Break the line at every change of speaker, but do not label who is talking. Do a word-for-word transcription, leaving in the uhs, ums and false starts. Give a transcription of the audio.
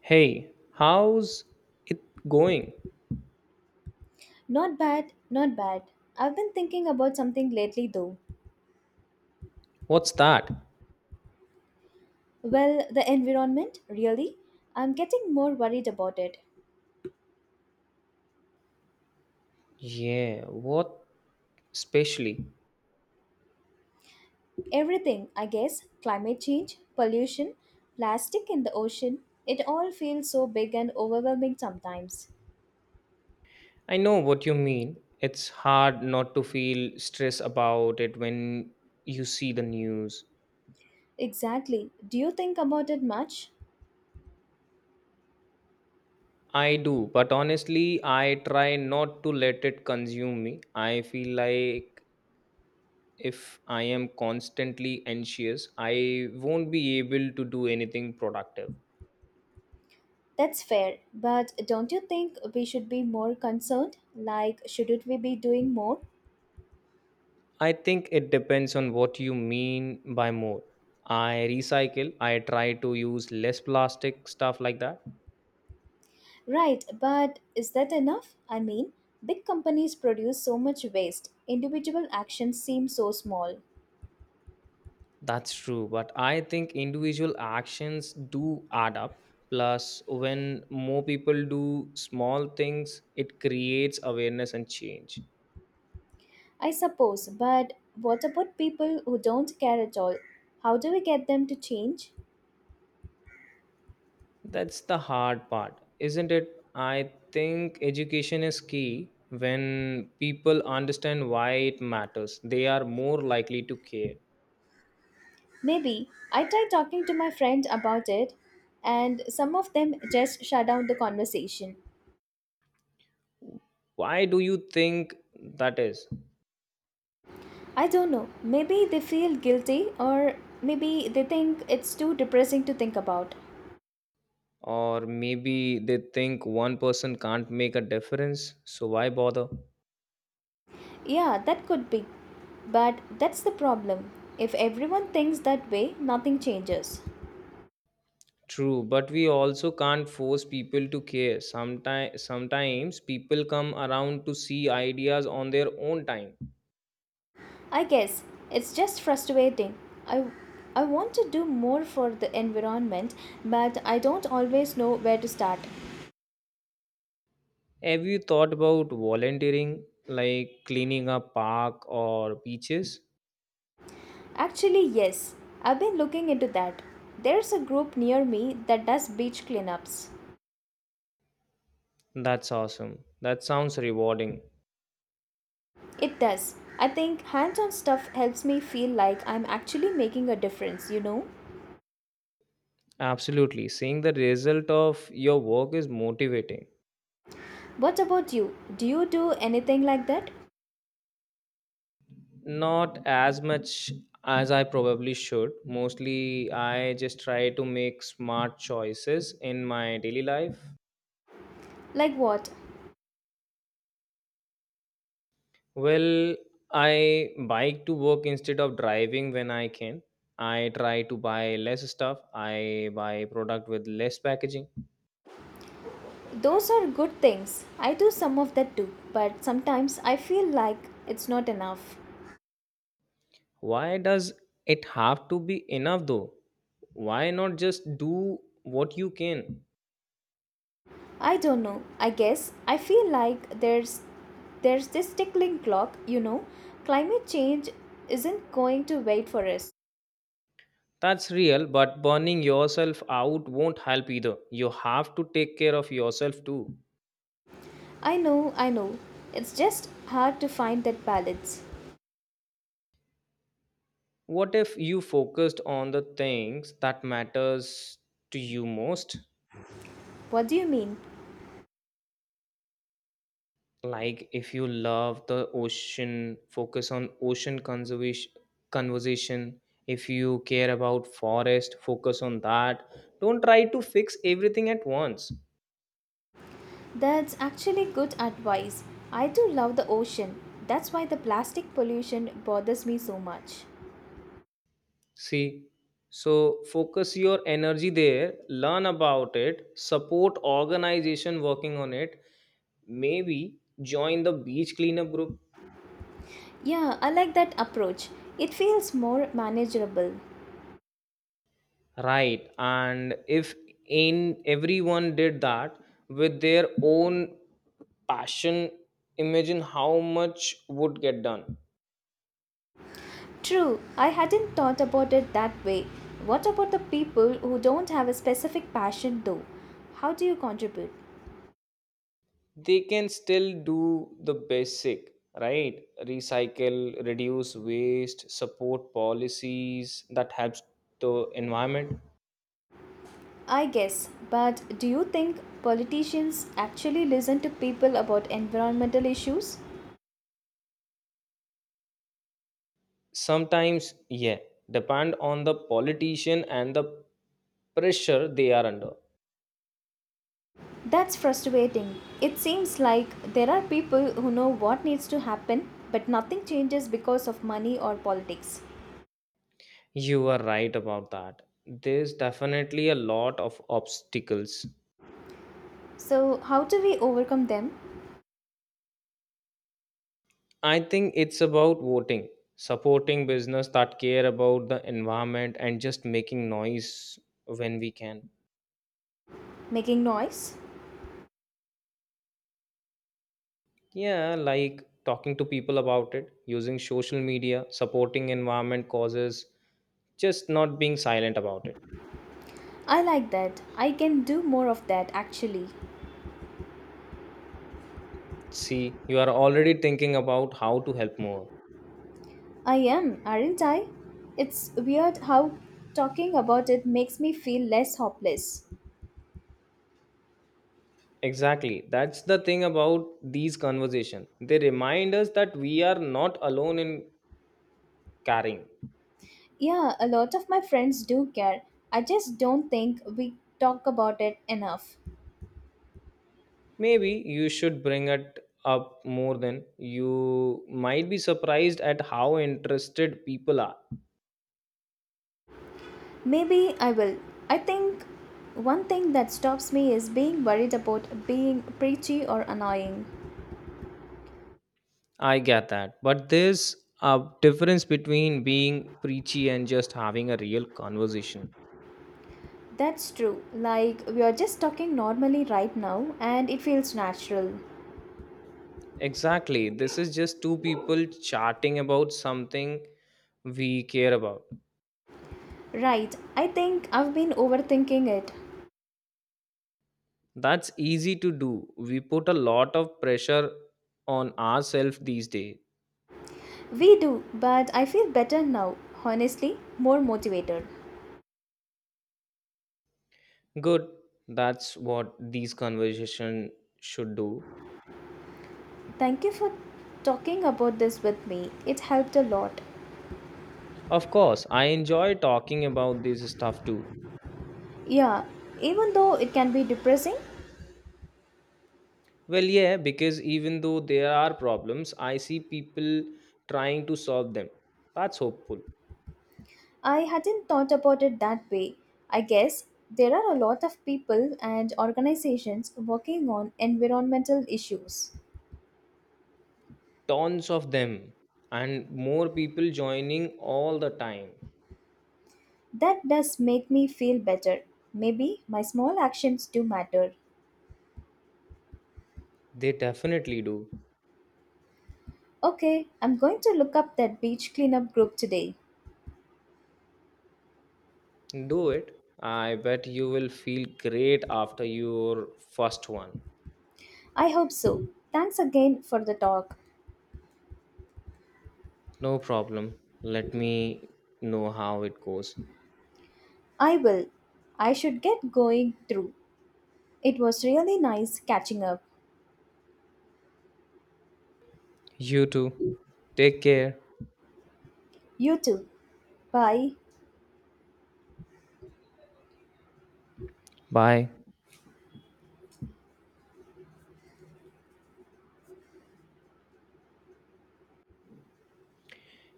Hey, how's it going?
Not bad, not bad. I've been thinking about something lately though.
What's that?
Well, the environment, really. I'm getting more worried about it.
Yeah, what especially?
Everything, I guess climate change, pollution, plastic in the ocean. It all feels so big and overwhelming sometimes.
I know what you mean. It's hard not to feel stress about it when you see the news.
Exactly. Do you think about it much?
I do, but honestly, I try not to let it consume me. I feel like if I am constantly anxious, I won't be able to do anything productive.
That's fair, but don't you think we should be more concerned? Like, shouldn't we be doing more?
I think it depends on what you mean by more. I recycle, I try to use less plastic, stuff like that.
Right, but is that enough? I mean, big companies produce so much waste. Individual actions seem so small.
That's true, but I think individual actions do add up. Plus, when more people do small things, it creates awareness and change.
I suppose, but what about people who don't care at all? How do we get them to change?
That's the hard part, isn't it? I think education is key. When people understand why it matters, they are more likely to care.
Maybe. I tried talking to my friend about it, and some of them just shut down the conversation.
Why do you think that is?
I don't know. Maybe they feel guilty, or maybe they think it's too depressing to think about.
Or maybe they think one person can't make a difference, so why bother?
Yeah, that could be. But that's the problem. If everyone thinks that way, nothing changes.
True, but we also can't force people to care. Sometimes, sometimes people come around to see ideas on their own time.
I guess it's just frustrating. I I want to do more for the environment, but I don't always know where to start.
Have you thought about volunteering, like cleaning a park or beaches?
Actually, yes. I've been looking into that. There's a group near me that does beach cleanups.
That's awesome. That sounds rewarding.
It does. I think hands-on stuff helps me feel like I'm actually making a difference, you know?
Absolutely. Seeing the result of your work is motivating.
What about you? Do you do anything like that?
Not as much as I probably should. Mostly, I just try to make smart choices in my daily life.
Like what?
Well, I bike to work instead of driving when I can. I try to buy less stuff. I buy product with less packaging.
Those are good things. I do some of that too, but sometimes I feel like it's not enough.
Why does it have to be enough though? Why not just do what you can?
I don't know. I guess I feel like there's there's this tickling clock, you know. Climate change isn't going to wait for us.
That's real, but burning yourself out won't help either. You have to take care of yourself too.
I know, I know. It's just hard to find that balance.
What if you focused on the things that matters to you most,
What do you mean?
like if you love the ocean, focus on ocean conservation conversation. If you care about forest, focus on that. Don't try to fix everything at once.
That's actually good advice. I do love the ocean. That's why the plastic pollution bothers me so much.
See, so focus your energy there, learn about it, support organization working on it, maybe join the beach cleanup group.
Yeah, I like that approach. It feels more manageable.
Right. And if in everyone did that with their own passion, imagine how much would get done.
True, I hadn't thought about it that way. What about the people who don't have a specific passion though? How do you contribute?
They can still do the basic, right? Recycle, reduce waste, support policies that helps the environment.
I guess, but do you think politicians actually listen to people about environmental issues?
Sometimes, yeah, depend on the politician and the pressure they are under.
That's frustrating. It seems like there are people who know what needs to happen, but nothing changes because of money or politics.
You are right about that. There's definitely a lot of obstacles.
So, how do we overcome them?
I think it's about voting, supporting business that care about the environment and just making noise when we can.
Making noise?
Yeah, like talking to people about it, using social media, supporting environment causes, just not being silent about it.
I like that. I can do more of that actually.
See, you are already thinking about how to help more.
I am, aren't I? It's weird how talking about it makes me feel less hopeless.
Exactly. That's the thing about these conversations. They remind us that we are not alone in carrying.
Yeah, a lot of my friends do care. I just don't think we talk about it enough.
Maybe you should bring it up more than you might be surprised at how interested people are.
Maybe I will. I think one thing that stops me is being worried about being preachy or annoying.
I get that. But there's a difference between being preachy and just having a real conversation.
That's true. Like, we are just talking normally right now, and it feels natural.
Exactly. This is just two people chatting about something we care about.
Right, I think I've been overthinking it.
That's easy to do. We put a lot of pressure on ourselves these days.
We do, but I feel better now, honestly, more motivated.
Good. That's what these conversation should do.
Thank you for talking about this with me. It helped a lot.
Of course, I enjoy talking about this stuff too.
Yeah, even though it can be depressing,
Well, yeah, because even though there are problems, I see people trying to solve them. That's hopeful.
I hadn't thought about it that way. I guess there are a lot of people and organizations working on environmental issues.
Tons of them and more people joining all the time.
That does make me feel better. Maybe my small actions do matter.
They definitely do.
Okay, I'm going to look up that beach cleanup group today.
Do it. I bet you will feel great after your first one.
I hope so. Thanks again for the talk.
No problem. Let me know how it goes.
I will. I should get going through. It was really nice catching up.
You too. Take care.
You too. Bye.
Bye.